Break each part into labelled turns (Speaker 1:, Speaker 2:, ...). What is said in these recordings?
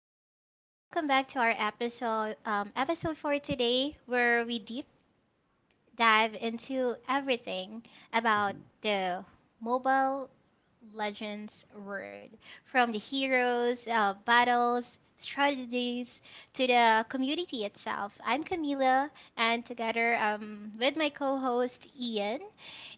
Speaker 1: Hello, guys. Welcome back to our episode for today, where we deep dive into everything about the Mobile Legends world, from the heroes, battles, strategies, to the community itself. I'm Camila, and together with my co-host Ian,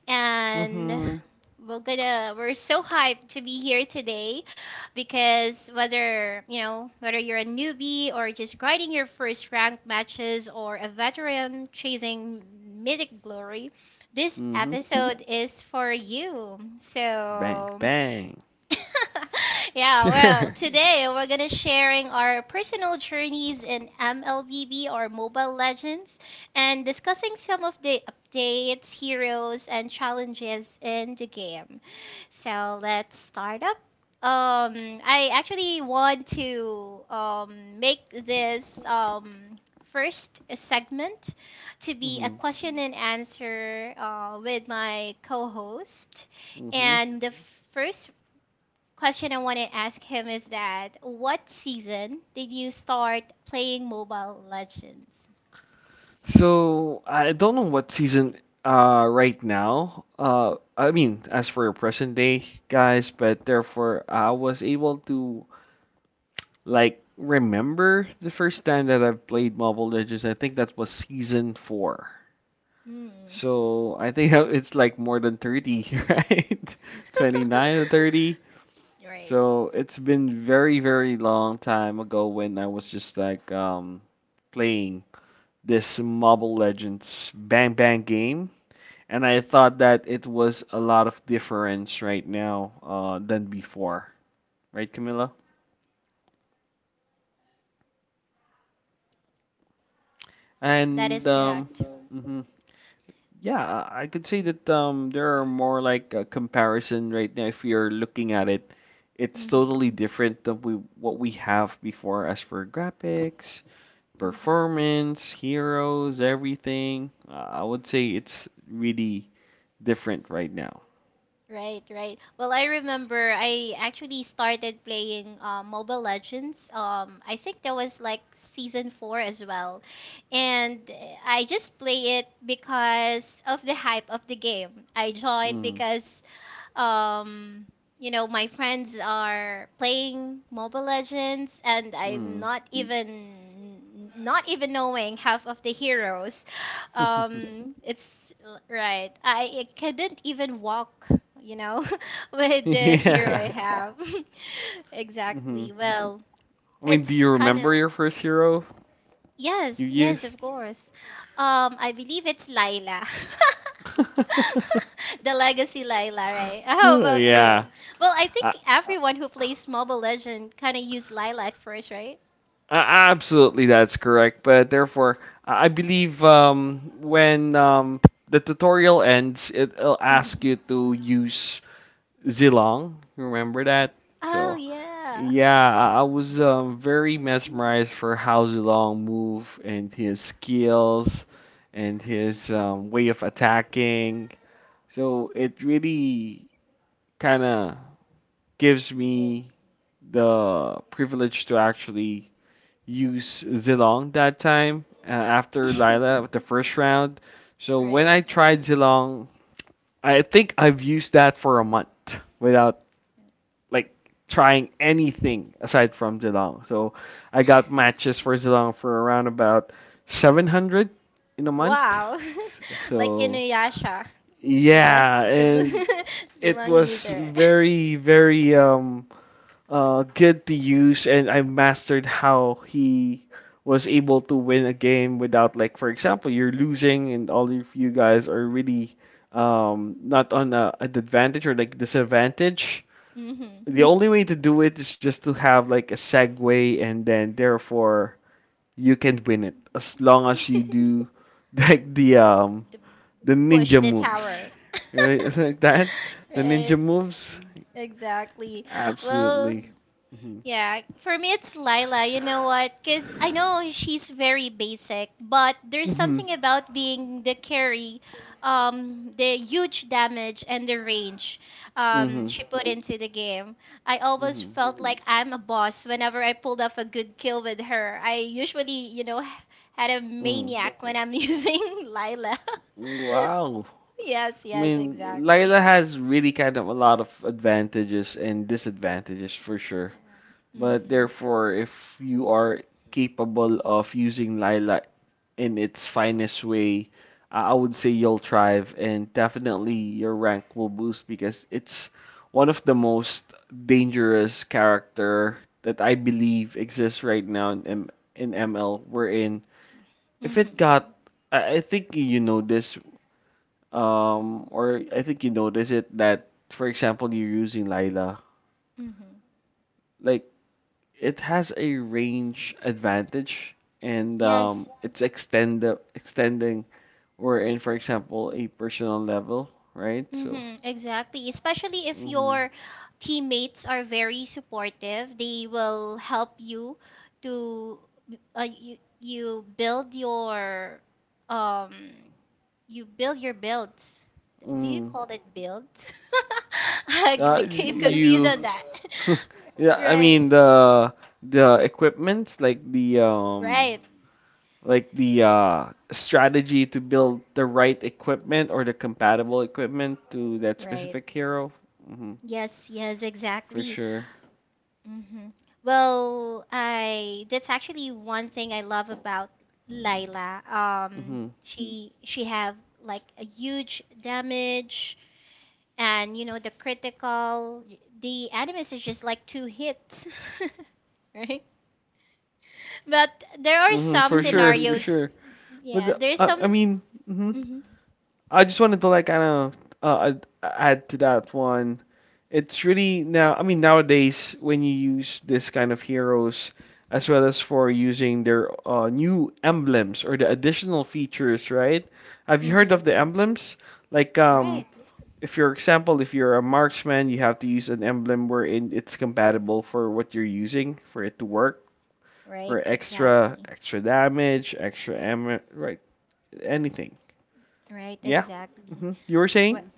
Speaker 1: and
Speaker 2: Mm-hmm.
Speaker 1: we're so hyped to be here today because whether you're a newbie or just grinding your first ranked matches or a veteran chasing mythic glory, this
Speaker 2: Mm-hmm.
Speaker 1: episode is for you.
Speaker 2: Bang,
Speaker 1: So
Speaker 2: bang.
Speaker 1: yeah, well, today we're gonna sharing our personal journeys in MLBB or Mobile Legends and discussing some of the updates, heroes, and challenges in the game. So let's start up. I actually want to make this first segment to be a
Speaker 2: Mm-hmm.
Speaker 1: question and answer with my co-host.
Speaker 2: Mm-hmm.
Speaker 1: And the first question I want to ask him is that what season did you start playing Mobile Legends?
Speaker 2: So I don't know what season right now. I mean, as for your present day, guys, but therefore I was able to like remember the first time that I've played Mobile Legends. I think that was season four.
Speaker 1: Hmm.
Speaker 2: So I think it's like more than 30, right? 29 to 30.
Speaker 1: Right.
Speaker 2: So it's been very, very long time ago when I was just like playing this Mobile Legends Bang Bang game, and I thought that it was a lot of difference right now than before, right, Camilla?
Speaker 1: That
Speaker 2: And
Speaker 1: is correct.
Speaker 2: mhm. yeah, I could say that there are more like a comparison right now if you're looking at it. It's
Speaker 1: Mhm.
Speaker 2: totally different than we what we have before as for graphics,
Speaker 1: Mhm.
Speaker 2: performance, heroes, everything. I would say it's really different right now.
Speaker 1: Right, right. Well, I remember I actually started playing Mobile Legends. I think that was like season four as well, and I just play it because of the hype of the game. I joined
Speaker 2: Mm,
Speaker 1: because Um, my friends are playing Mobile Legends, and I'm
Speaker 2: mm.
Speaker 1: not even knowing half of the heroes. It's right. I couldn't even walk, you know, with the hero I,
Speaker 2: Yeah.
Speaker 1: yeah, have.
Speaker 2: hmm
Speaker 1: Exactly. Well,
Speaker 2: I mean, do
Speaker 1: it's
Speaker 2: you
Speaker 1: kind of.
Speaker 2: remember your first hero you
Speaker 1: Yes, yes, of
Speaker 2: used?
Speaker 1: course. I believe it's Laila. The legacy Laila, right? How about
Speaker 2: Yeah.
Speaker 1: you? Well, I
Speaker 2: Uh, uh,
Speaker 1: think everyone who plays Mobile Legend kind of used Laila at first, right?
Speaker 2: absolutely, that's correct. But therefore, I believe when the tutorial ends, it'll ask you
Speaker 1: Mm-hmm.
Speaker 2: to use Zilong. You remember that?
Speaker 1: Oh,
Speaker 2: So.
Speaker 1: yeah.
Speaker 2: Yeah, I was very mesmerized for how Zilong move and his skills and his way of attacking. So it really kind of gives
Speaker 1: Right.
Speaker 2: me the privilege to actually use Zilong that time after Lila with the first round. So when
Speaker 1: Right.
Speaker 2: I tried Zilong, I think I've used that for a month without like trying anything aside from Zilong. So I got matches for Zilong for around about 700 in a month.
Speaker 1: Wow.
Speaker 2: S-
Speaker 1: Like
Speaker 2: So
Speaker 1: Inuyasha, the best
Speaker 2: yeah,
Speaker 1: Zulu
Speaker 2: and it
Speaker 1: Zilong
Speaker 2: was
Speaker 1: user.
Speaker 2: very very good to use, and I mastered how he was able to win a game without, like, for example, you're losing and all of you guys are really not on an advantage or like disadvantage.
Speaker 1: Mm-hmm.
Speaker 2: The only way to do it is just to have like a segue, and then therefore you can win it as long as you do like
Speaker 1: The
Speaker 2: the
Speaker 1: push
Speaker 2: ninja
Speaker 1: the
Speaker 2: moves,
Speaker 1: tower.
Speaker 2: right? Like that, the ninja
Speaker 1: Right.
Speaker 2: moves,
Speaker 1: Exactly. Well,
Speaker 2: absolutely. mhm
Speaker 1: yeah, for me it's Lila. You know what? Because I know she's very basic, but there's
Speaker 2: mhm
Speaker 1: something about being the carry, the huge damage, and the range
Speaker 2: mhm
Speaker 1: she put into the game. I always
Speaker 2: mhm
Speaker 1: felt like I'm a boss whenever I pulled off a good kill with her. I usually, had a
Speaker 2: mhm
Speaker 1: maniac when I'm using Lila.
Speaker 2: wow.
Speaker 1: Yes,
Speaker 2: I
Speaker 1: yes,
Speaker 2: mean,
Speaker 1: exactly.
Speaker 2: Lila has really kind of a lot of advantages and disadvantages for sure.
Speaker 1: Um,
Speaker 2: But
Speaker 1: mhm,
Speaker 2: therefore, if you are capable of using lilac in its finest way, I would say you'll thrive, and definitely your rank will boost because it's one of the most dangerous character that I believe exists right now in ML, wherein if it
Speaker 1: mhm,
Speaker 2: got I think you know this or I think you notice it that, for example, you're using Lila.
Speaker 1: mhm.
Speaker 2: Like, it has a range advantage, and
Speaker 1: Yes.
Speaker 2: it's extending or in, for example, a personal level, right? So
Speaker 1: Hmm. Exactly. Especially if
Speaker 2: mm,
Speaker 1: your teammates are very supportive, they will help you to uh, you, you build your um you build your builds. Do you
Speaker 2: mm,
Speaker 1: call it builds? I became confused
Speaker 2: you
Speaker 1: on that.
Speaker 2: yeah, I
Speaker 1: Right.
Speaker 2: mean the equipments,
Speaker 1: Right.
Speaker 2: like the strategy to build the right equipment or the compatible equipment to that
Speaker 1: Right.
Speaker 2: specific hero. hmm
Speaker 1: Yes, yes,
Speaker 2: For
Speaker 1: exactly.
Speaker 2: sure.
Speaker 1: Hmm. Well, I that's actually one thing I love about Layla. Um,
Speaker 2: hmm
Speaker 1: she she have like a huge damage, and you know the critical. The animus is just like two hits, right? But there are some, mhm,
Speaker 2: For sure, for
Speaker 1: scenarios.
Speaker 2: sure.
Speaker 1: Yeah, there's
Speaker 2: I
Speaker 1: some.
Speaker 2: mean, hmm
Speaker 1: Hmm.
Speaker 2: I just wanted to like kind of add to that one. It's really now. I mean, nowadays, when you use this kind of heroes, as well as for using their new emblems or the additional features, right? Have you heard
Speaker 1: Hmm.
Speaker 2: of the emblems? Like,
Speaker 1: Right.
Speaker 2: if your example, if you're a marksman, you have to use an emblem wherein it's compatible for what you're using for it to work,
Speaker 1: Right.
Speaker 2: for extra
Speaker 1: Exactly.
Speaker 2: extra damage, extra ammo, right? Anything.
Speaker 1: Right.
Speaker 2: Yeah.
Speaker 1: Exactly.
Speaker 2: You were saying?
Speaker 1: Wh-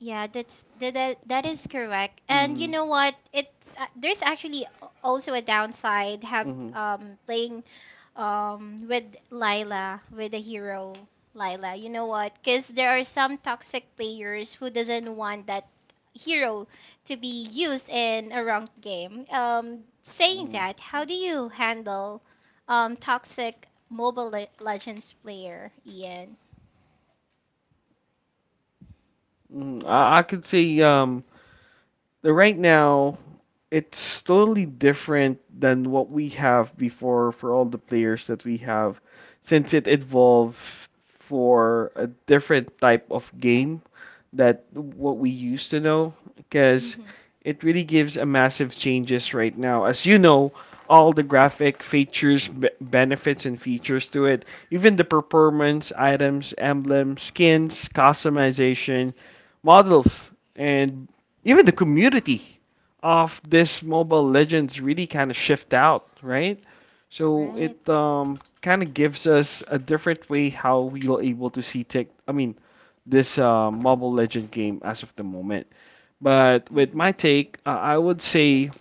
Speaker 1: Yeah, that's that, that that is correct. And you
Speaker 2: Mm-hmm.
Speaker 1: know what? There's actually also a downside have
Speaker 2: Mm-hmm.
Speaker 1: playing with Lila with the hero Lila. You know what? Because there are some toxic players who doesn't want that hero to be used in a wrong game. Saying that, how do you handle toxic Mobile Legends player, Ian?
Speaker 2: Mm-hmm. I could see the right now it's totally different than what we have before for all the players that we have, since it evolved for a different type of game that what we used to know, because
Speaker 1: Mm-hmm.
Speaker 2: it really gives a massive changes right now, as you know, all the graphic features, benefits and features to it, even the performance, items, emblems, skins, customization, models, and even the community of this Mobile Legends really kind of shift out, right? So
Speaker 1: Right.
Speaker 2: it kind of gives us a different way how we are able to see tech. I mean, this Mobile Legend game as of the moment. But with my
Speaker 1: Mm-hmm.
Speaker 2: take, I would say,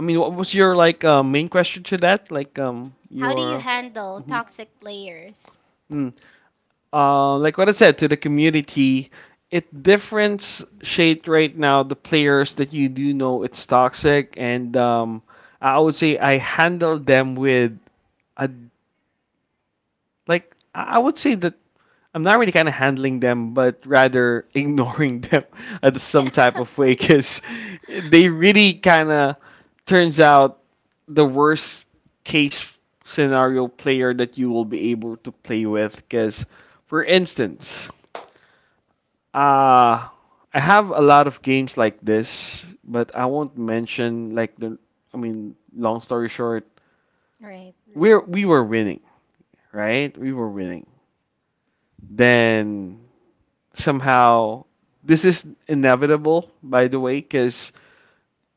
Speaker 2: I mean, what was your like main question to that? Like
Speaker 1: How do you
Speaker 2: your.
Speaker 1: handle
Speaker 2: Mhm.
Speaker 1: toxic players?
Speaker 2: Mm. Like what I said, to the community, it differentiate right now the players that you do know it's toxic, and I would say I handle them with a like I would say that I'm not really kind of handling them, but rather ignoring them at some type of way, because they really kind of turns out the worst case scenario player that you will be able to play with. Because, for instance, Uh I have a lot of games like this, but I won't mention like the I mean, long story short,
Speaker 1: Right,
Speaker 2: we were winning, right? We were winning. Then somehow, this is inevitable, by the way, because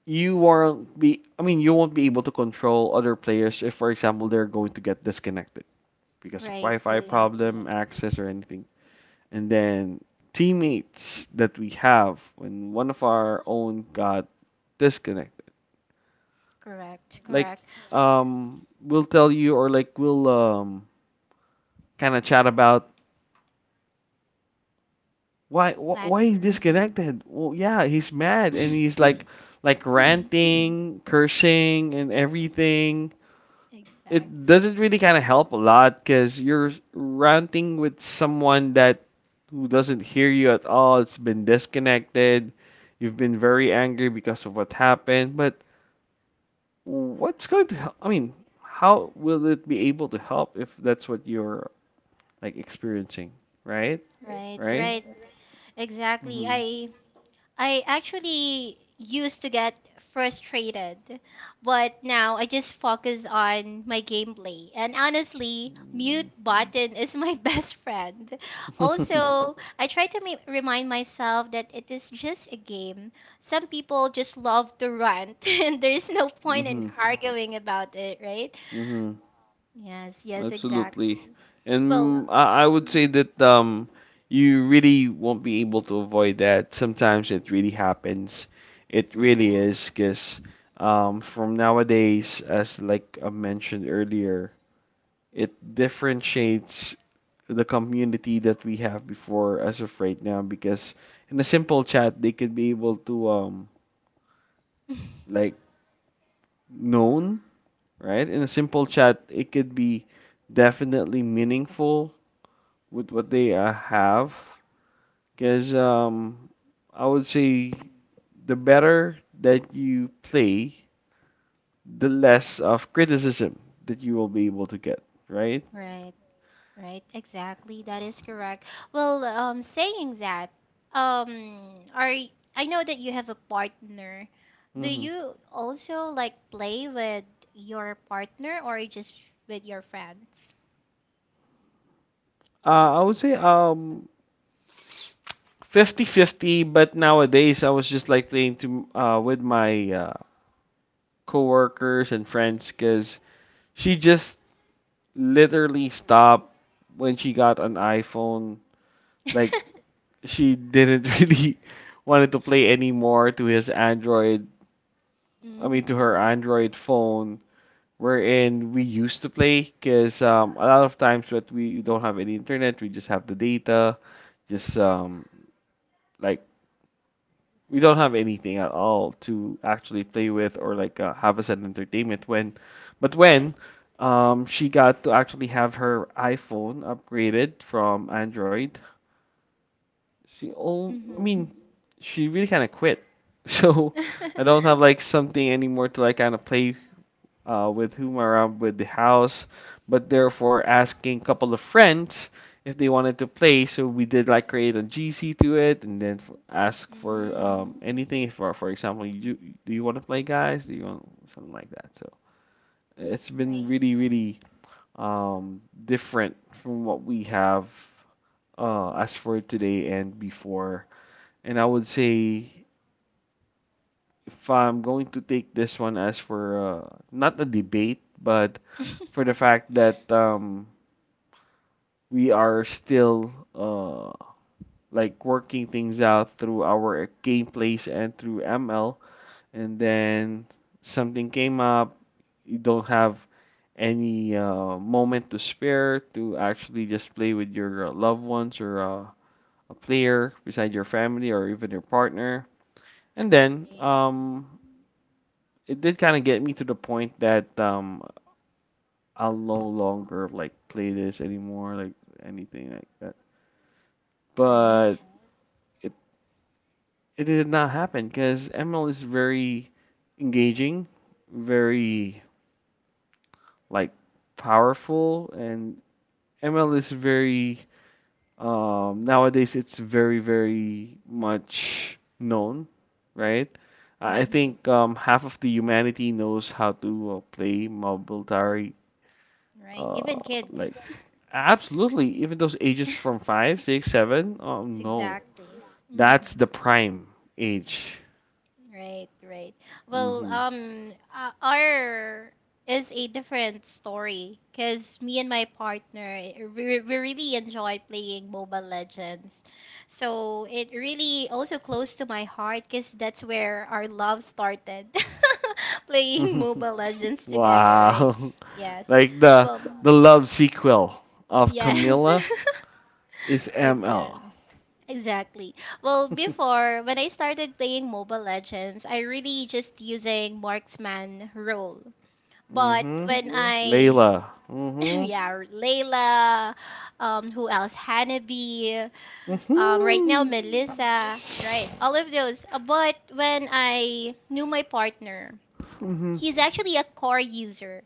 Speaker 2: you won't be I mean, you won't be able to control other players if, for example, they're going to get disconnected because of
Speaker 1: right,
Speaker 2: Wi-Fi problem,
Speaker 1: exactly.
Speaker 2: access or anything, and then teammates that we have when one of our own got disconnected.
Speaker 1: Correct,
Speaker 2: Like,
Speaker 1: correct.
Speaker 2: we'll tell you, or like we'll kind of chat about why
Speaker 1: Bad
Speaker 2: he
Speaker 1: words.
Speaker 2: disconnected. Well, yeah, he's mad and he's like ranting, cursing, and everything. It
Speaker 1: Exactly.
Speaker 2: doesn't really kind of help a lot because you're ranting with someone that who doesn't hear you at all. It's been disconnected. You've been very angry because of what happened. But what's going to help? I mean, how will it be able to help if that's what you're like experiencing? Right?
Speaker 1: Right,
Speaker 2: Right?
Speaker 1: right, exactly.
Speaker 2: Mm-hmm.
Speaker 1: I actually used to get frustrated, but now I just focus on my gameplay. And honestly, mute button is my best friend. Also, I try to remind myself that it is just a game. Some people just love to rant, and there's no point in
Speaker 2: Mm-hmm.
Speaker 1: arguing about it, right?
Speaker 2: Mm-hmm.
Speaker 1: Yes, yes, exactly.
Speaker 2: Absolutely.
Speaker 1: Well,
Speaker 2: And I would say that you really won't be able to avoid that. Sometimes it really happens. It really is
Speaker 1: exactly.
Speaker 2: because from nowadays, as like I mentioned earlier, it differentiates the community that we have before as of right now because in a simple chat they could be able to like known, right? In a simple chat it could be definitely meaningful with what they have, because I would say the better that you play, the less of criticism that you will be able to get, right?
Speaker 1: Right. Right, exactly. That is correct. Well, saying that, I know that you have a partner. Do
Speaker 2: hmm
Speaker 1: you also like play with your partner or just with your friends?
Speaker 2: I would say 50-50, but nowadays I was just like playing to with my coworkers and friends, because she just literally stopped when she got an iPhone, like she didn't really wanted to play anymore to his Android. I mean,
Speaker 1: Mm-hmm.
Speaker 2: to her Android phone, wherein we used to play. Cause a lot of times that we don't have any internet, we just have the data, just like, we don't have anything at all to actually play with or like have as an entertainment. But when she got to actually have her iPhone upgraded from Android, I
Speaker 1: Mm-hmm.
Speaker 2: mean, she really kind of quit. So
Speaker 1: Mm.
Speaker 2: I don't have like something anymore to like kind of play with whom around with the house, but therefore asking a couple of friends if they wanted to play. So we did like create a GC to it, and then f ask for
Speaker 1: Mm,
Speaker 2: anything. For example, you do you want to play, guys? Do you want something like that? So it's been
Speaker 1: right.
Speaker 2: really really different from what we have as for today and before, and I would say if I'm going to take this one as for not a debate, but for the fact that we are still like working things out through our gameplays and through ML, and then something came up, you don't have any moment to spare to actually just play with your loved ones or a player beside your family or even your partner. And then
Speaker 1: Right.
Speaker 2: it did kind of get me to the point that I'll no longer like play this anymore, like anything like that.
Speaker 1: Right.
Speaker 2: But it it did not happen because ML is very engaging, very like powerful, and ML is very nowadays it's very very much known, right? I
Speaker 1: Mm-hmm.
Speaker 2: think half of the humanity knows how to play Mobile tar.
Speaker 1: Right.
Speaker 2: Uh,
Speaker 1: Even kids.
Speaker 2: like, absolutely, even those ages from five, six, seven. Oh no,
Speaker 1: Exactly.
Speaker 2: that's
Speaker 1: Mm-hmm.
Speaker 2: the prime age.
Speaker 1: Right, right. Well,
Speaker 2: hmm
Speaker 1: our is a different story because me and my partner we really enjoy playing Mobile Legends. So it really also close to my heart because that's where our love started, playing Mobile Legends together, right?
Speaker 2: Wow,
Speaker 1: Yes.
Speaker 2: like
Speaker 1: Well,
Speaker 2: the love sequel of
Speaker 1: yes.
Speaker 2: Camilla is ML.
Speaker 1: Exactly. Exactly. Well, before when I started playing Mobile Legends, I really just using marksman role. But
Speaker 2: Mm-hmm.
Speaker 1: when, I
Speaker 2: Layla. Mm-hmm.
Speaker 1: yeah, Layla, who else? Hanabi, right now
Speaker 2: Mm-hmm.
Speaker 1: Melissa, right? All of those. But when I knew my partner,
Speaker 2: Mm-hmm.
Speaker 1: he's actually a core user.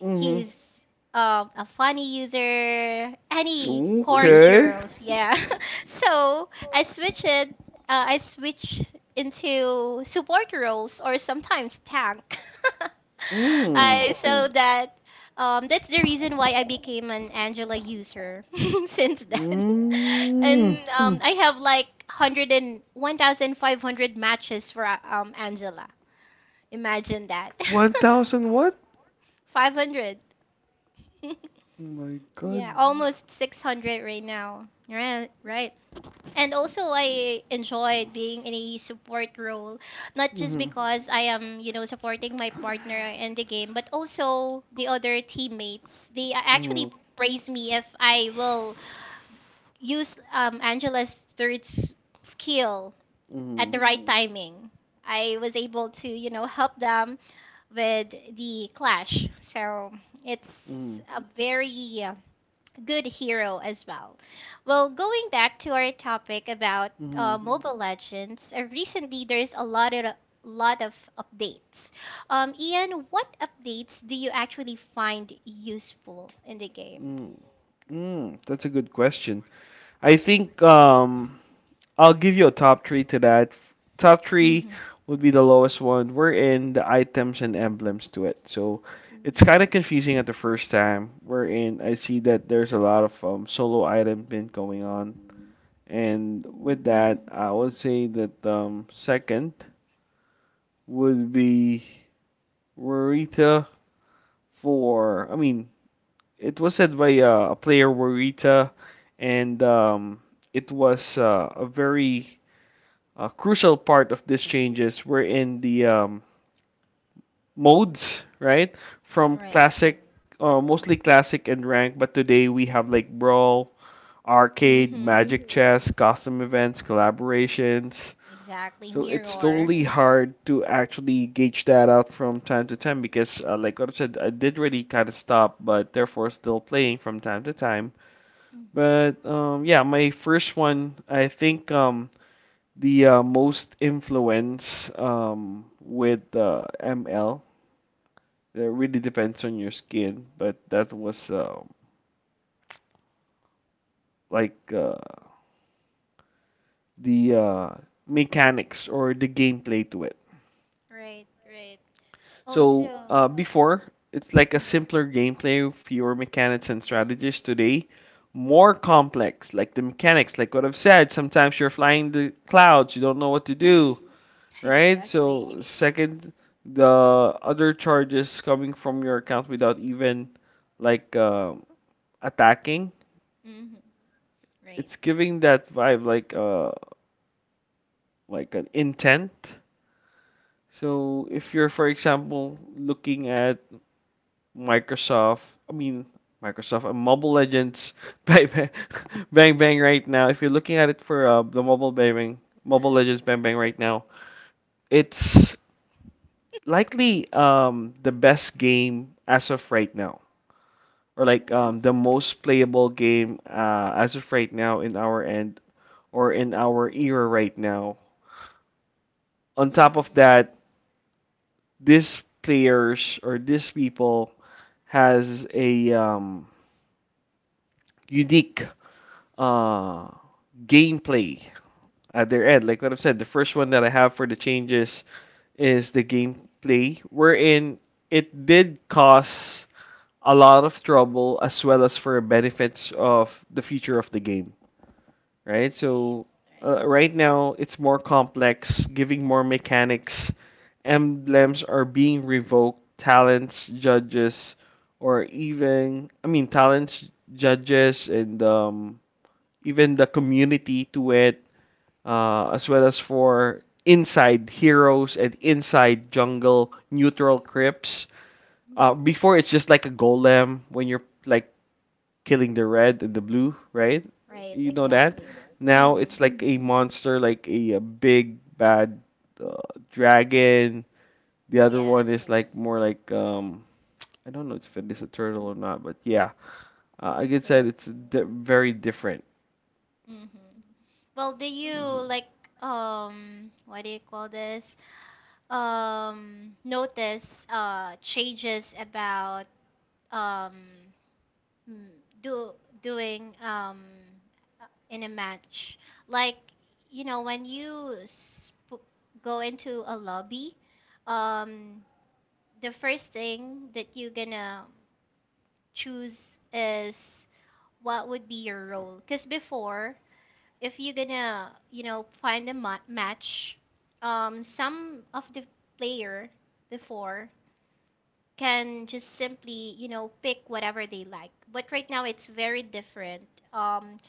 Speaker 2: Mm-hmm.
Speaker 1: He's a funny user, any core, ooh,
Speaker 2: Okay.
Speaker 1: heroes, yeah. So I switch into support roles or sometimes tank.
Speaker 2: Mm.
Speaker 1: I so Mm. that That's the reason why I became an Angela user since then.
Speaker 2: Mm.
Speaker 1: and I have like 101,500 matches for Angela. Imagine that.
Speaker 2: 1,000 what?
Speaker 1: 500.
Speaker 2: Oh my god.
Speaker 1: Yeah, almost 600 right now. Right, right. And also, I enjoyed being in a support role, not just
Speaker 2: Mm-hmm.
Speaker 1: because I am, supporting my partner in the game, but also the other teammates. They
Speaker 2: Mm-hmm.
Speaker 1: actually praise me if I will use Angela's third skill at
Speaker 2: Mm-hmm.
Speaker 1: the right timing. I was able to, help them with the clash. So
Speaker 2: Mm-hmm.
Speaker 1: it's a very good hero as well. Well, going back to our topic about
Speaker 2: Mm-hmm.
Speaker 1: Mobile Legends, recently there's a lot of updates. Ian, what updates do you actually find useful in the game?
Speaker 2: Mm-hmm. Mm. That's a good question. I think I'll give you a top three to that. Top three
Speaker 1: Mm-hmm.
Speaker 2: would be the lowest one. We're in the items and emblems to it. So it's kind of confusing at the first time. We're in I see that there's a lot of solo item bin going on. And with that,
Speaker 1: Mm-hmm.
Speaker 2: I would say that second would be Rarita. For I mean it was said by a player, Warita, and it was a very crucial part of these changes were in the modes, right? From
Speaker 1: Right.
Speaker 2: classic, mostly classic and rank, but today we have like brawl, arcade,
Speaker 1: Mm-hmm.
Speaker 2: magic chess, custom events, collaborations.
Speaker 1: Exactly.
Speaker 2: So it's
Speaker 1: Mirror.
Speaker 2: totally hard to actually gauge that out from time to time because, like what I said, I did really kind of stop, but therefore still playing from time to time.
Speaker 1: Mm-hmm.
Speaker 2: But yeah, my first one, I think the most influence with ML, it really depends on your skin, but that was like the mechanics or the gameplay to it.
Speaker 1: Right. Right.
Speaker 2: So
Speaker 1: Also.
Speaker 2: before, it's like a
Speaker 1: Mm-hmm.
Speaker 2: simpler gameplay, fewer mechanics and strategies. Today, more complex, like the mechanics, like what I've said. Sometimes you're flying the clouds, you don't know what to do, right? So
Speaker 1: Exactly.
Speaker 2: second, the other charges coming from your account without even like uh, attacking.
Speaker 1: Mm-hmm. Right.
Speaker 2: It's giving that vibe like like an intent. So if you're, for example, looking at Microsoft, I mean Microsoft and Mobile Legends Bang Bang, bang, bang right now. If you're looking at it for the Mobile Bang Bang, Mobile Legends Bang Bang right now, it's likely the best game as of right now, or like
Speaker 1: Yes.
Speaker 2: the most playable game as of right now in our end, or in our era right now. On top of
Speaker 1: Mm-hmm.
Speaker 2: that, these players or these people has a unique uh, gameplay at their end. Like what I've said, the first one that I have for the changes is the gameplay, wherein it did cause a lot of trouble as well as for benefits of the future of the game, right?
Speaker 1: Right.
Speaker 2: So
Speaker 1: Right.
Speaker 2: right now it's more complex, giving more mechanics. Emblems are being revoked. Talents, judges, or even I mean talents, judges, and even the community to it, as well as for inside heroes and inside jungle neutral crypts.
Speaker 1: Hmm. Yes.
Speaker 2: Before it's just like a golem when you're like killing the red and the blue, right?
Speaker 1: Right. Do
Speaker 2: You
Speaker 1: you know
Speaker 2: know that.
Speaker 1: exactly that?
Speaker 2: Now
Speaker 1: Mm-hmm.
Speaker 2: it's like a monster, like a big bad uh, dragon. The other one is
Speaker 1: Yes,
Speaker 2: like more like I don't know if it is a turtle or not, but yeah,
Speaker 1: it's a
Speaker 2: like I said,
Speaker 1: third.
Speaker 2: very different.
Speaker 1: Mm-hmm. Well, do you
Speaker 2: Hmm.
Speaker 1: like, what do you call this? Notice changes about um mm, do doing in a match. Like, when you sp go into a lobby, um the first thing that you're gonna choose is what would be your role? Because before, if you're gonna, find a match, some of the player before can just simply, pick whatever they like. But right now, it's very different.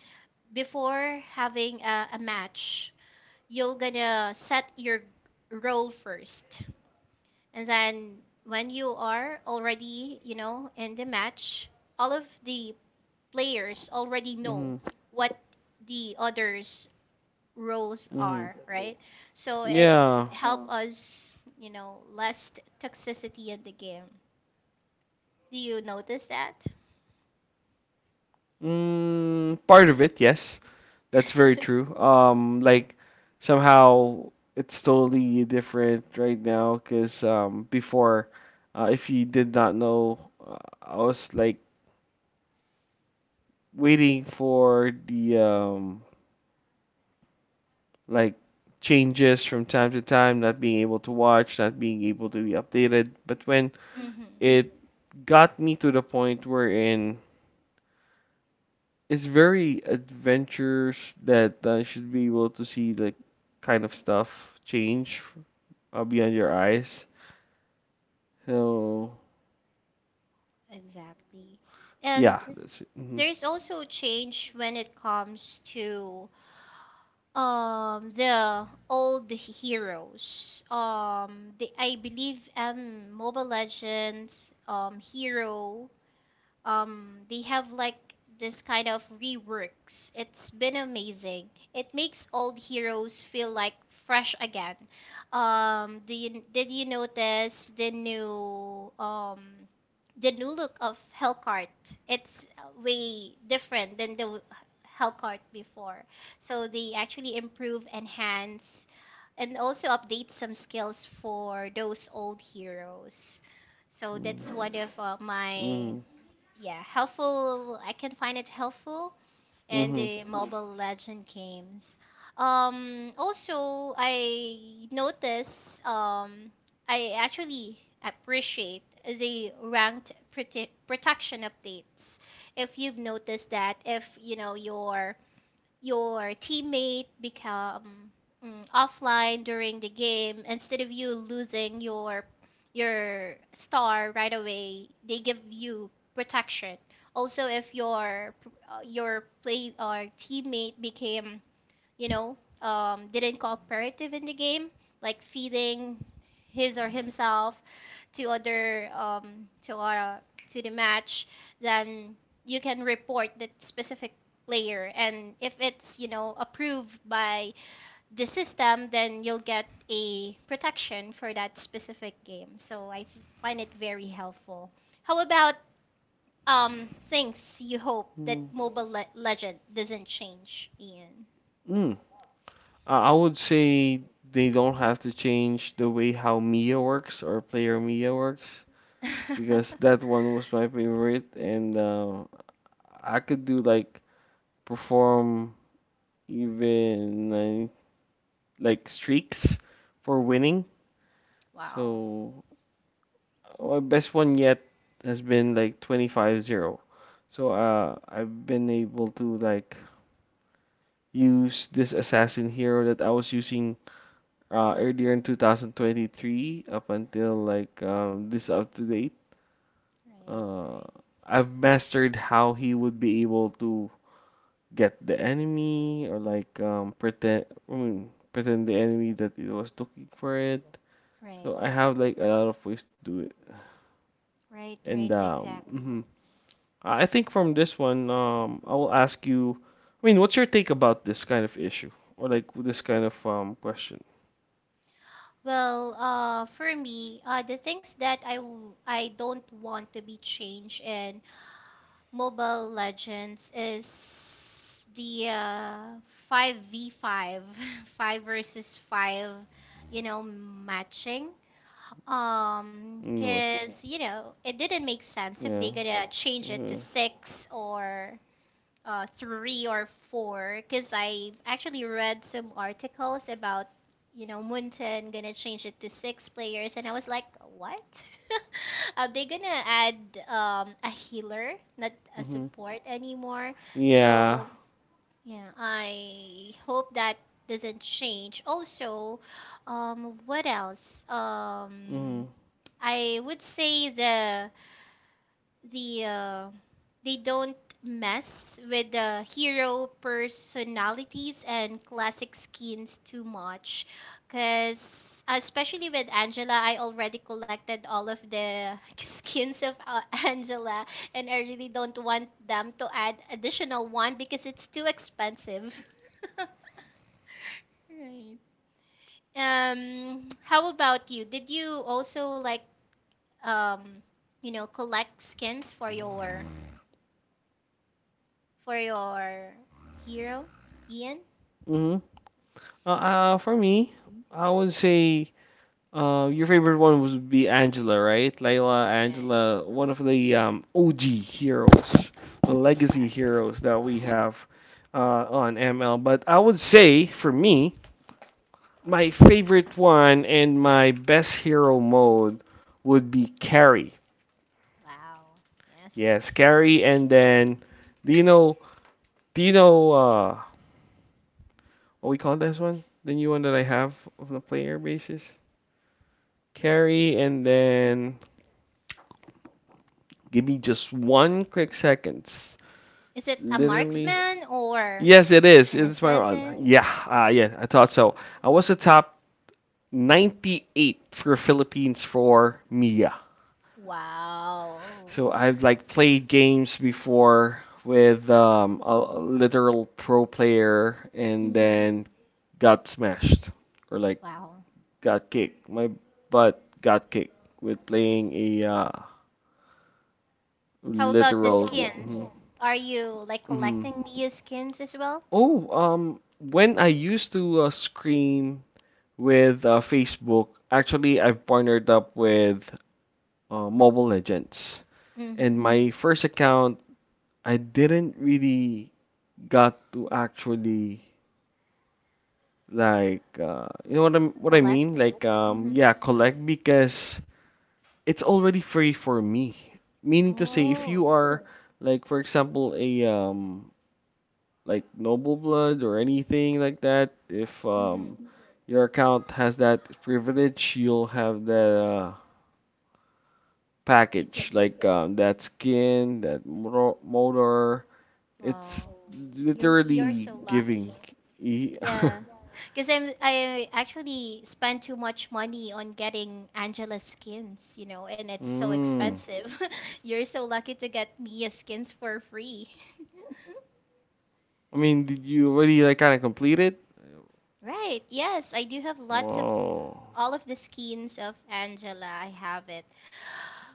Speaker 1: Before having a match, you're gonna set your role first, and then when you are already, in the match, all of the players already know
Speaker 2: Hmm.
Speaker 1: what the others roles
Speaker 2: Hmm.
Speaker 1: are, right, so it
Speaker 2: Yeah.
Speaker 1: help us, less toxicity in the game. Do you notice that?
Speaker 2: Mm, part of it, yes. That's very true. Like somehow it's totally different right now because before, if you did not know, uh, I was like waiting for the like changes from time to time, not being able to watch, not being able to be updated. But when
Speaker 1: Mm-hmm.
Speaker 2: it got me to the point wherein it's very adventures that you should be able to see the kind of stuff change beyond your
Speaker 1: Right.
Speaker 2: eyes. So
Speaker 1: Exactly.
Speaker 2: yeah,
Speaker 1: And
Speaker 2: that's it. Hmm.
Speaker 1: there's also change when it comes to the old heroes. The, I believe, Mobile Legends hero, they have like this kind of reworks. It's been amazing. It makes old heroes feel like fresh again. Do you did you notice the new look of Hellcart? It's way different than the Hellcart before. So they actually improve, enhance, and also update some skills for those old heroes. So that's one of my,
Speaker 2: Hmm.
Speaker 1: yeah, helpful. I can find it helpful in
Speaker 2: Hmm.
Speaker 1: the, mhm, Mobile Legend games. Also, I actually appreciate the ranked protection updates. If you've noticed that, if you know your teammate become, offline during the game, instead of you losing your star right away, they give you protection. Also, if your play or teammate became, you know, didn't cooperative in the game, like feeding his or himself to other, to our to the match, then you can report that specific player. And if it's, approved by the system, then you'll get a protection for that specific game. So I find it very helpful. How about things you hope that
Speaker 2: Hmm.
Speaker 1: Mobile Legend doesn't change, Ian?
Speaker 2: Mm. I would say they don't have to change the way how Mia works or player Mia works because that one was my favorite, and I could do like perform even like streaks for winning.
Speaker 1: Wow.
Speaker 2: So my best one yet has been like 25-0. So I've been able to like use this assassin hero that I was using earlier in 2023 up until like this up to date.
Speaker 1: Right,
Speaker 2: Uh,
Speaker 1: right,
Speaker 2: I've mastered how he would be able to get the enemy or like pretend I mean, pretend the enemy that it was looking for it.
Speaker 1: right,
Speaker 2: So I have like a lot of ways to do it.
Speaker 1: right, right,
Speaker 2: And
Speaker 1: exactly.
Speaker 2: I think from this one, I will ask you. I mean, what's your take about this kind of issue or like this kind of question?
Speaker 1: Well, for me, the things that I don't want to be changed in Mobile Legends is the 5v5, 5 five versus 5, matching.
Speaker 2: Mm.
Speaker 1: Cause, it didn't make sense if they
Speaker 2: Yeah.
Speaker 1: gonna change it to
Speaker 2: Mhm.
Speaker 1: 6 or three or four, because I've actually read some articles about, Munten gonna change it to six players, and I was like, what? Are they gonna add a healer, not a
Speaker 2: Mhm.
Speaker 1: support anymore?
Speaker 2: Yeah.
Speaker 1: So yeah, I hope that doesn't change. Also, what else?
Speaker 2: Mhm.
Speaker 1: I would say the the uh, they don't mess with the hero personalities and classic skins too much, because especially with Angela, I already collected all of the skins of Angela, and I really don't want them to add additional one because it's too expensive. Right. How about you, did you also like, um collect skins for your hero, Ian?
Speaker 2: Mhm. For me, I would say your favorite one would be Angela, right? Layla, Angela, one of the OG heroes, the legacy heroes that we have on ML. But I would say for me, my favorite one and my best hero mode would be Carrie.
Speaker 1: Yes.
Speaker 2: Yes, Carrie, and then do you know? Do you know? What we call this one? The new one that I have on a player basis. Carry and then give me just one quick seconds.
Speaker 1: Is it a
Speaker 2: Literally.
Speaker 1: marksman or
Speaker 2: Yes, it is.
Speaker 1: an
Speaker 2: It's my run.
Speaker 1: assassin?
Speaker 2: Yeah, yeah, I thought so. I was the top 98 for Philippines for Mia.
Speaker 1: Wow.
Speaker 2: So I've like played games before with a literal pro player and
Speaker 1: Hmm.
Speaker 2: then got smashed or like
Speaker 1: Wow.
Speaker 2: got kicked. My butt got kicked with playing a
Speaker 1: How about the
Speaker 2: literal.
Speaker 1: skins?
Speaker 2: Mhm.
Speaker 1: Are you like
Speaker 2: Mhm.
Speaker 1: collecting Mia skins as well?
Speaker 2: Oh, when I used to scream with Facebook, actually I've partnered up with Mobile Legends.
Speaker 1: Mm-hmm.
Speaker 2: And my first account, I didn't really got to actually like you know what I am what I mean?
Speaker 1: Collect?
Speaker 2: Like
Speaker 1: Mm-hmm.
Speaker 2: yeah, collect because it's already free for me. Meaning to say, if
Speaker 1: Oh.
Speaker 2: you are like, for example, a like noble blood or anything like that, if
Speaker 1: Mm-hmm.
Speaker 2: your account has that privilege, you'll have that
Speaker 1: You
Speaker 2: package
Speaker 1: can.
Speaker 2: like that skin, motor. It's
Speaker 1: Wow. You're
Speaker 2: literally
Speaker 1: so
Speaker 2: giving.
Speaker 1: lucky.
Speaker 2: E-
Speaker 1: Yeah. Because I actually spend too much money on getting Angela skins, and it's so
Speaker 2: Mm.
Speaker 1: expensive. You're so lucky to get Mia skins for free.
Speaker 2: I mean, did you already like kind of complete it?
Speaker 1: Right. Yes, I do have lots of
Speaker 2: Whoa.
Speaker 1: all of the skins of Angela. I have it.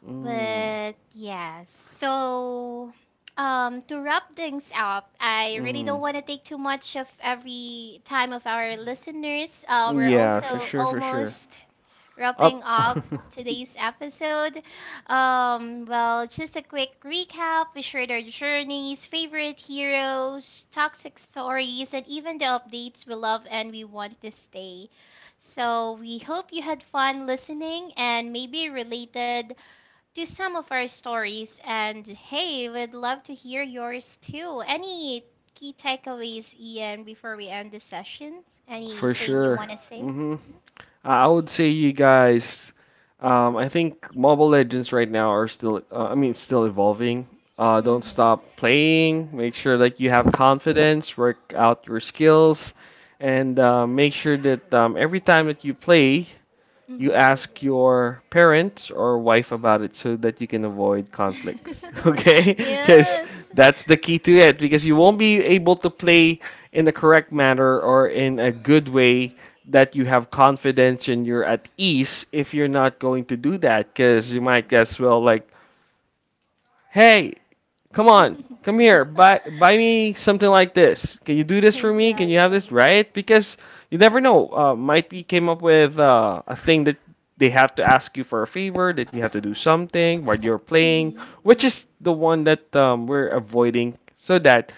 Speaker 2: Mm.
Speaker 1: But yeah, so to wrap things up, I really
Speaker 2: Mm.
Speaker 1: don't want to take too much of every time of our listeners. We're
Speaker 2: Yeah, for
Speaker 1: also
Speaker 2: sure, for sure.
Speaker 1: almost wrapping
Speaker 2: Up,
Speaker 1: up today's episode. Well, just a quick recap. We shared our journeys, favorite heroes, toxic stories, and even the updates we love and we want to stay. So we hope you had fun listening and maybe related to some of our stories. And hey, we'd love to hear yours too. Any key takeaways, Ian, before we end the sessions?
Speaker 2: for
Speaker 1: Anything you
Speaker 2: sure.
Speaker 1: want to say?
Speaker 2: Hmm. I would say you guys. I think Mobile Legends right now are still. Still evolving. Don't
Speaker 1: Mm-hmm.
Speaker 2: stop playing. Make sure that you have confidence. Work out your skills, and make sure that every time that you play, you ask your parents or wife about it so that you can avoid conflicts
Speaker 1: Mm-hmm.
Speaker 2: okay, because
Speaker 1: Yes.
Speaker 2: that's the key to it because you won't be able to play in the correct manner or in a good way, that you have confidence and you're at ease if you're not going to do that because you might as well like, hey, come on, come here. Buy me something like this. Can you do this for me? Can you have this,
Speaker 1: Exactly.
Speaker 2: right? Because you never know. Might be came up with a thing that they have to ask you for a favor, that you have to do something while you're playing,
Speaker 1: Mm-hmm.
Speaker 2: which is the one that we're avoiding, so that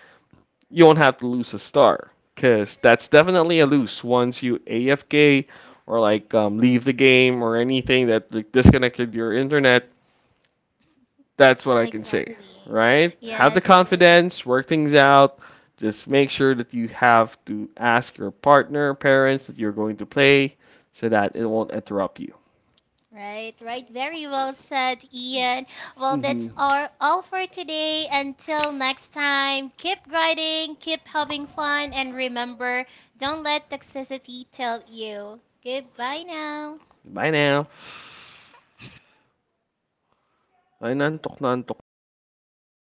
Speaker 2: you won't have to lose a star. Cause that's definitely a lose, once you AFK or like leave the game or anything that like disconnected your internet. That's what I can say,
Speaker 1: Exactly.
Speaker 2: right? Have the
Speaker 1: Yes.
Speaker 2: confidence, work things out. Just make sure that you have to ask your partner, parents that you're going to play so that it won't interrupt you.
Speaker 1: Right, right. Very well said, Ian. Well, that's
Speaker 2: Mm-hmm.
Speaker 1: our all for today. Until next time, keep grinding, keep having fun, and remember, don't let toxicity tell you. Goodbye now.
Speaker 2: Bye now. Ay, nantok na ako.